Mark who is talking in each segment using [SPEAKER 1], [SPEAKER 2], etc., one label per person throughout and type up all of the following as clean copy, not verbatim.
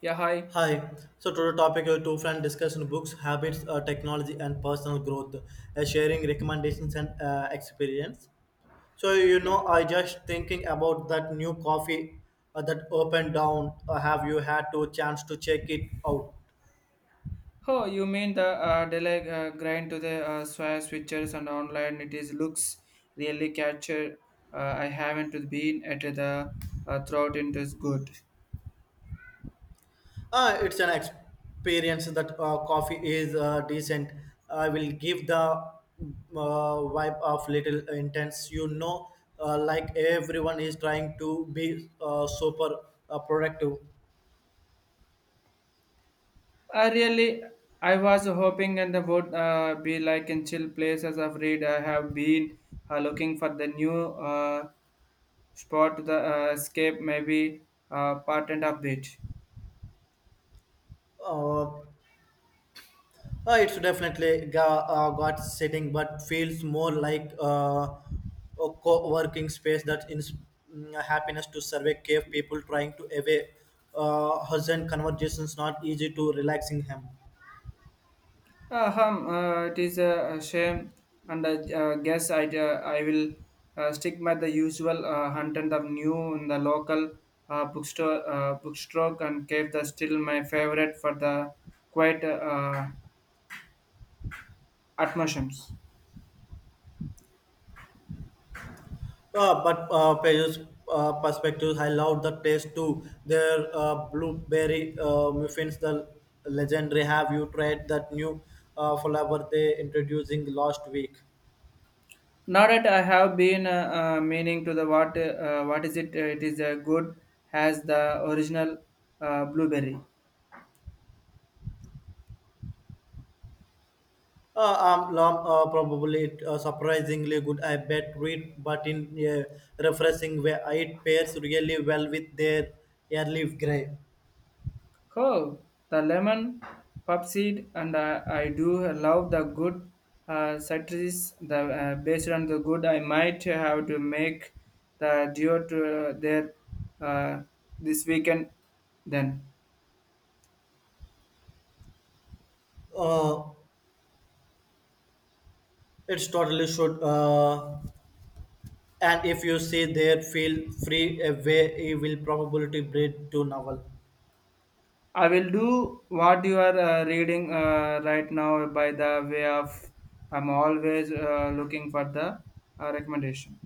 [SPEAKER 1] Yeah, hi.
[SPEAKER 2] Hi. So today topic two friend discussion books, habits, technology, and personal growth, sharing recommendations and experience. So you know,
[SPEAKER 1] Yeah.
[SPEAKER 2] I just thinking about that new coffee that opened down. Have you had to chance to check it out?
[SPEAKER 1] Oh, you mean the delay grind to the swire switchers and online? It is looks really capture. I haven't been at the throat. It is good.
[SPEAKER 2] It's an experience that coffee is decent. I will give the vibe of little intense. You know, like everyone is trying to be super productive.
[SPEAKER 1] I really, I was hoping and would be like in chill places of read. I have been looking for the new spot to the escape, maybe part and update.
[SPEAKER 2] uh, uh, it's definitely got setting but feels more like a co-working space that in happiness to survey cave people trying to away husband conversations not easy to relaxing him
[SPEAKER 1] It is a shame, and I guess I will stick by the usual hunt and the new in the local bookstore and keep the still my favorite for the quiet atmospheres.
[SPEAKER 2] but pages perspectives I love the taste too. Their blueberry muffins, the legendary. Have you tried that new flavor they introducing last week?
[SPEAKER 1] Now that I have been meaning to the what is it? It is a good as the original blueberry.
[SPEAKER 2] Uh, Lom, probably surprisingly good. I bet read, but in a refreshing way, it pairs really well with their early grey.
[SPEAKER 1] Oh, the lemon pepsid, and I do love the good citrus. The based on the good, I might have to make the duo to there uh, this weekend. Then
[SPEAKER 2] Uh, it's totally should. And if you see there, feel free away. It will probably to breed to novel.
[SPEAKER 1] I will do what you are reading right now. By the way of, I'm always looking for the recommendation.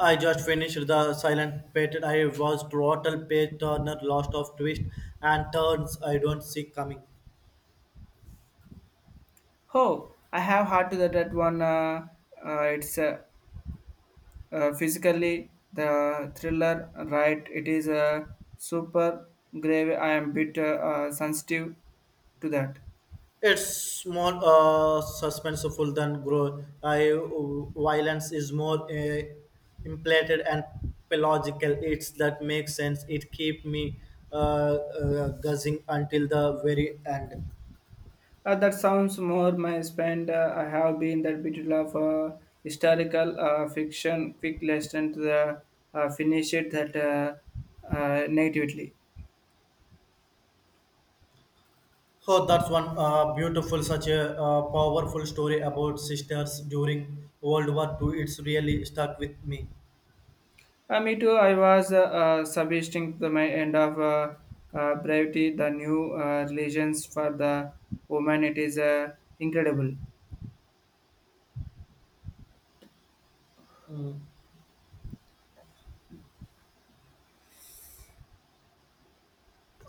[SPEAKER 2] I just finished the Silent Pet. I was total page turner, lost of twist and turns I don't see coming.
[SPEAKER 1] Oh, I have heard to that one. It's physically, the thriller, right? It is a super grave. I am bit sensitive to that.
[SPEAKER 2] It's more suspenseful than grow. I violence is more implanted and pedagogical. It's that makes sense. It keep me guzzing until the very end.
[SPEAKER 1] That sounds more my spend. I have been that bit of historical fiction, quick lesson to the finish it that negatively.
[SPEAKER 2] Oh, that's one beautiful, such a powerful story about sisters during World War II. It's really stuck with me.
[SPEAKER 1] Me too. I was substituting to my end of brevity, the new religions for the woman. It is incredible.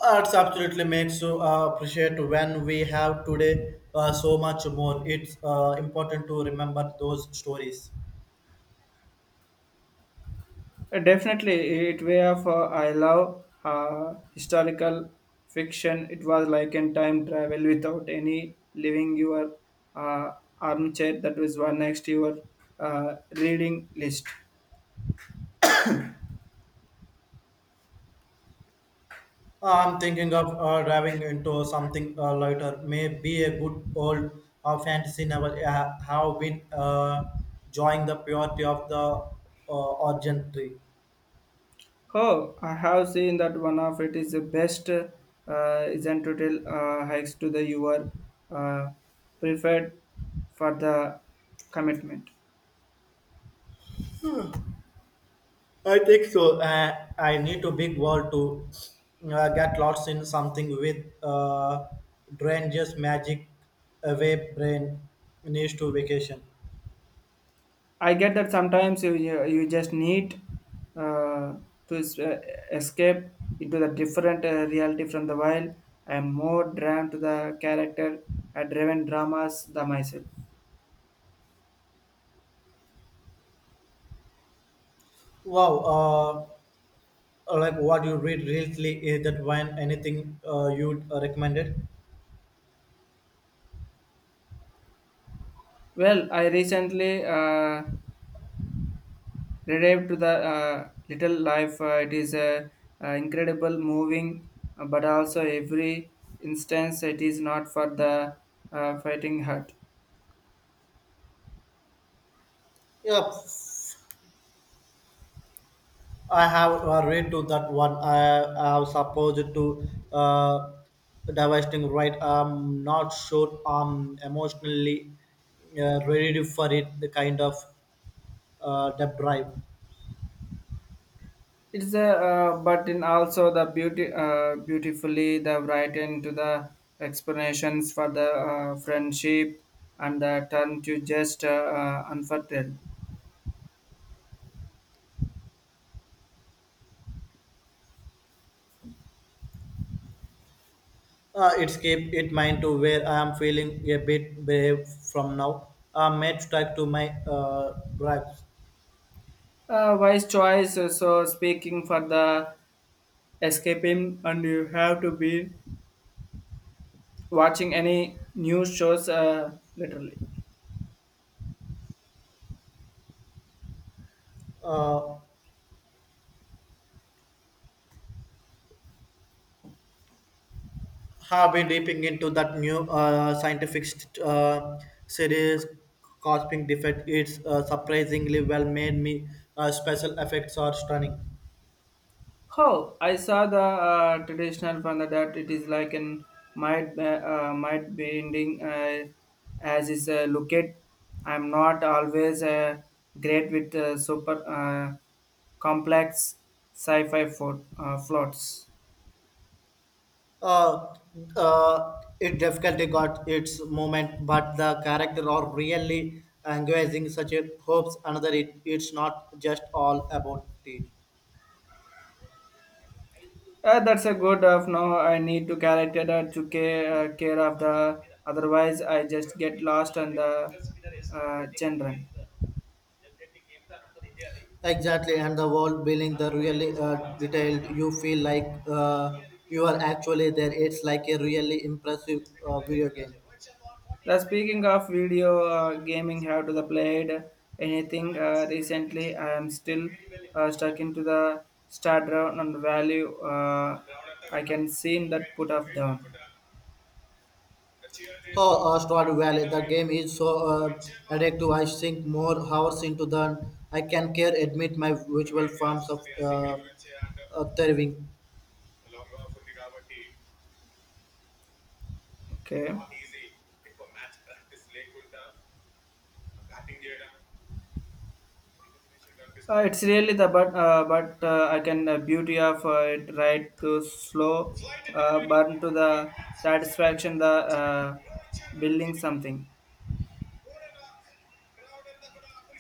[SPEAKER 2] That's absolutely makes you appreciate when we have today so much more. It's important to remember those stories.
[SPEAKER 1] Definitely, it way of I love historical fiction. It was like in time travel without any leaving your uh, armchair. That was one next your reading list.
[SPEAKER 2] I'm thinking of diving into something lighter. Maybe a good old fantasy novel. I have been enjoying the purity of the origin tree.
[SPEAKER 1] Oh, I have seen that one of it is the best. Isn't total hikes to the your uh, preferred for the commitment.
[SPEAKER 2] I think so. I need a big world to get lost in something with drain just magic away brain needs to vacation.
[SPEAKER 1] I get that sometimes you just need uh, to escape into the different reality from the wild. I am more drawn to the character driven dramas than myself.
[SPEAKER 2] Wow, like what you read recently is that when anything you recommended?
[SPEAKER 1] Well, I recently revived to the Little Life. It is a incredible, moving, but also every instance it is not for the fighting heart.
[SPEAKER 2] Yep. I have read to that one. I was supposed to divesting right. I'm not sure I'm emotionally ready for it. The kind of the drive.
[SPEAKER 1] It's a but in also the beauty beautifully the right into the explanations for the friendship and the turn to just unfertile.
[SPEAKER 2] It's keep it mind to where I am feeling a bit brave from now. I may strike to my drives.
[SPEAKER 1] Wise choice. So speaking for the escaping and you have to be watching any news shows literally.
[SPEAKER 2] Uh, have been dipping into that new scientific series cosmic defect. It's surprisingly well made. Me special effects are stunning.
[SPEAKER 1] Oh, I saw the traditional from the that it is like an might bending as is look at. I'm not always great with super complex sci-fi plots.
[SPEAKER 2] uh, it definitely got its moment, but the character are really engaging such a hopes. Another, it's not just all about it.
[SPEAKER 1] That's a good of now. I need to character that to care of the otherwise I just get lost on the children.
[SPEAKER 2] Exactly, and the world building, the really detailed. You feel like you are actually there. It's like a really impressive video game.
[SPEAKER 1] The speaking of video gaming, have to the played anything recently? I am still stuck into the start round and value. I can see that put off down.
[SPEAKER 2] Oh, Stardew Valley. The game is so addictive. I sink more hours into than I can care. Admit my virtual forms of thriving.
[SPEAKER 1] Okay, it's really the but I can beauty of it right to slow burn to the satisfaction the building something.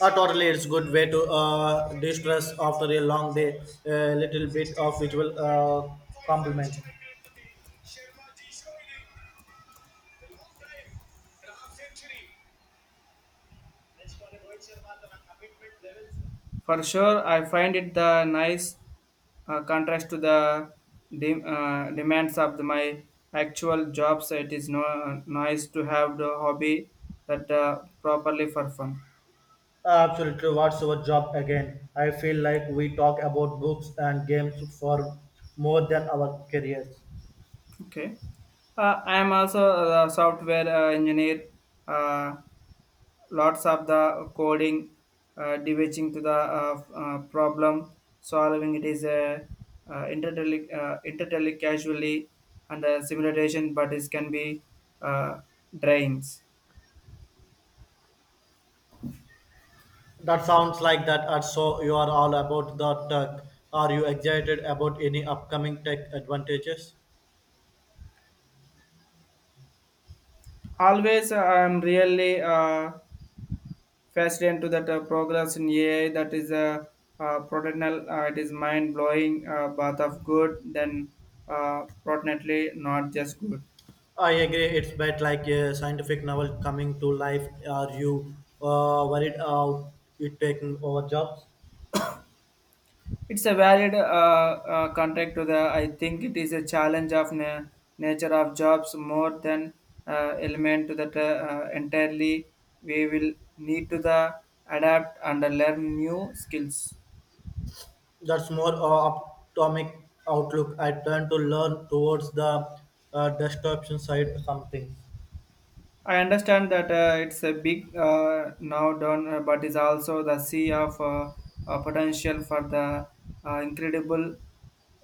[SPEAKER 2] Totally, it's good way to distress after a long day. A little bit of visual compliment.
[SPEAKER 1] For sure, I find it the nice contrast to the demands of my actual jobs it is no nice to have the hobby that properly for fun.
[SPEAKER 2] Absolutely, what's your job again? I feel like we talk about books and games for more than our careers.
[SPEAKER 1] Okay. I am also a software engineer, uh, lots of the coding, devising to the problem solving it is a entirely casually and simulation but it can be uh, drains.
[SPEAKER 2] That sounds like that. Uh, so you are all about the tech. Are you excited about any upcoming tech advantages?
[SPEAKER 1] Always I'm really fascinated to that progress in AI that is a protocol, it is mind blowing bath of good then protinently not just good.
[SPEAKER 2] I agree. It's bit like a scientific novel coming to life. Are you worried about it taking over jobs?
[SPEAKER 1] It's a valid contract to the I think it is a challenge of nature of jobs more than element to that entirely we will need to the adapt and learn new skills.
[SPEAKER 2] That's more optimistic outlook. I tend to learn towards the destruction side something.
[SPEAKER 1] I understand that it's a big now done, but is also the sea of potential for the incredible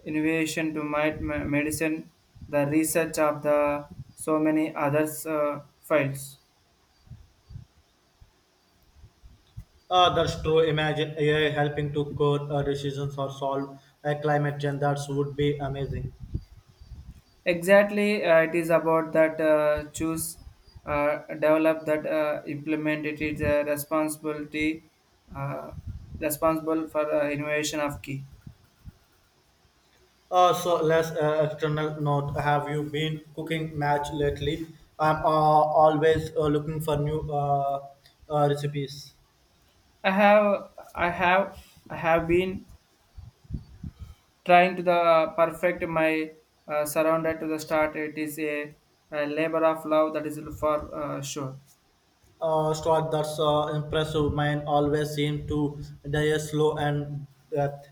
[SPEAKER 1] innovation to might medicine, the research of the so many others fields.
[SPEAKER 2] That's true. Imagine AI helping to code decisions or solve a climate change. That would be amazing.
[SPEAKER 1] Exactly, it is about that choose, develop that implement it is a responsibility, uh, responsible for the innovation of key.
[SPEAKER 2] So less external note. Have you been cooking match lately? I'm always looking for new recipes.
[SPEAKER 1] I have, I have, I have been trying to the perfect my surrounded to the start it is a labor of love that is for sure.
[SPEAKER 2] Stuart, that's impressive. Mine always seem to die slow and death.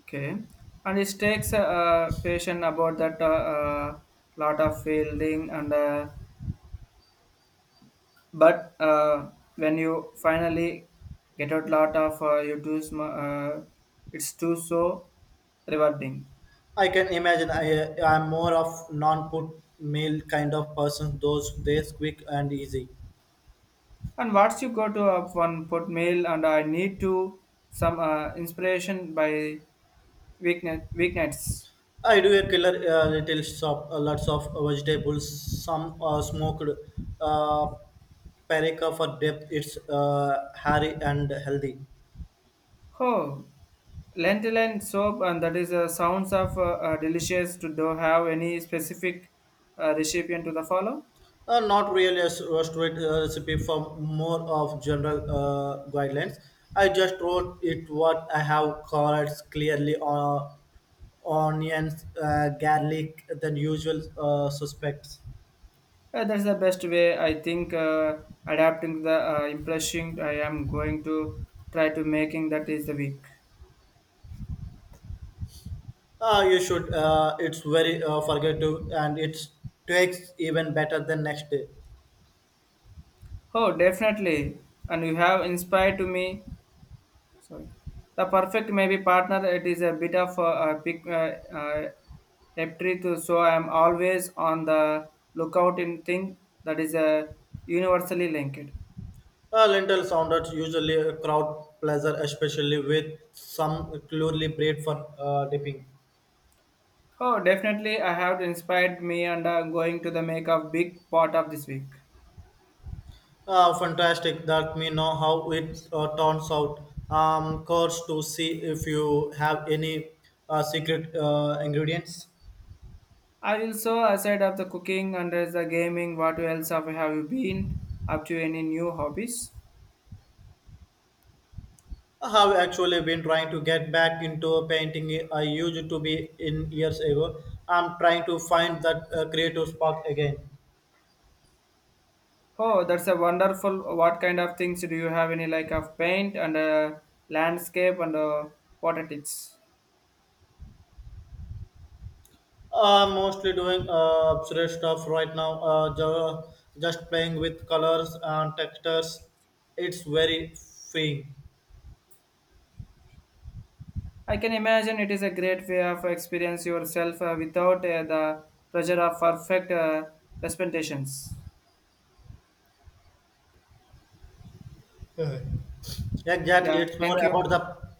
[SPEAKER 1] Okay, and it takes patience about that uh, lot of fielding and but when you finally get out lot of you do it's too so rewarding.
[SPEAKER 2] I can imagine. I'm more of non-put meal kind of person. Those days quick and easy.
[SPEAKER 1] And once you go to one put mail and I need to some inspiration by weeknights.
[SPEAKER 2] I do a killer retail shop, lots of vegetables, some smoked uh, paprika for depth. It's hairy and healthy.
[SPEAKER 1] Oh, lentil and soap, and that is sounds of delicious. To do have any specific recipient to the follow?
[SPEAKER 2] Not really a restaurant recipe for more of general guidelines. I just wrote it what I have carrots clearly onions, garlic, than usual suspects.
[SPEAKER 1] That's the best way I think. Adapting the impression I am going to try to making that is the week.
[SPEAKER 2] You should. It's very forgettable and it takes even better than next day.
[SPEAKER 1] Oh, definitely, and you have inspired to me. Sorry. The perfect maybe partner, it is a bit of a big empty to so I am always on the lookout in thing that is a universally linked.
[SPEAKER 2] Lentil sounders usually a crowd pleaser, especially with some clearly bread for dipping.
[SPEAKER 1] Oh, definitely, I have inspired me and going to the make a big part of this week.
[SPEAKER 2] Fantastic, let me know how it turns out. Course to see if you have any secret ingredients.
[SPEAKER 1] I will so aside of the cooking and there's the gaming. What else have you been up to? Any new hobbies?
[SPEAKER 2] I have actually been trying to get back into painting. I used to be in years ago. I'm trying to find that creative spark again.
[SPEAKER 1] Oh, that's a wonderful. What kind of things do you have? Any like of paint and landscape and water tips?
[SPEAKER 2] I'm mostly doing abstract stuff right now, just playing with colors and textures. It's very freeing.
[SPEAKER 1] I can imagine it is a great way of experience yourself without the pressure of perfect representations.
[SPEAKER 2] Uh, Exactly,
[SPEAKER 1] Yeah,
[SPEAKER 2] it's more
[SPEAKER 1] thank you.
[SPEAKER 2] about the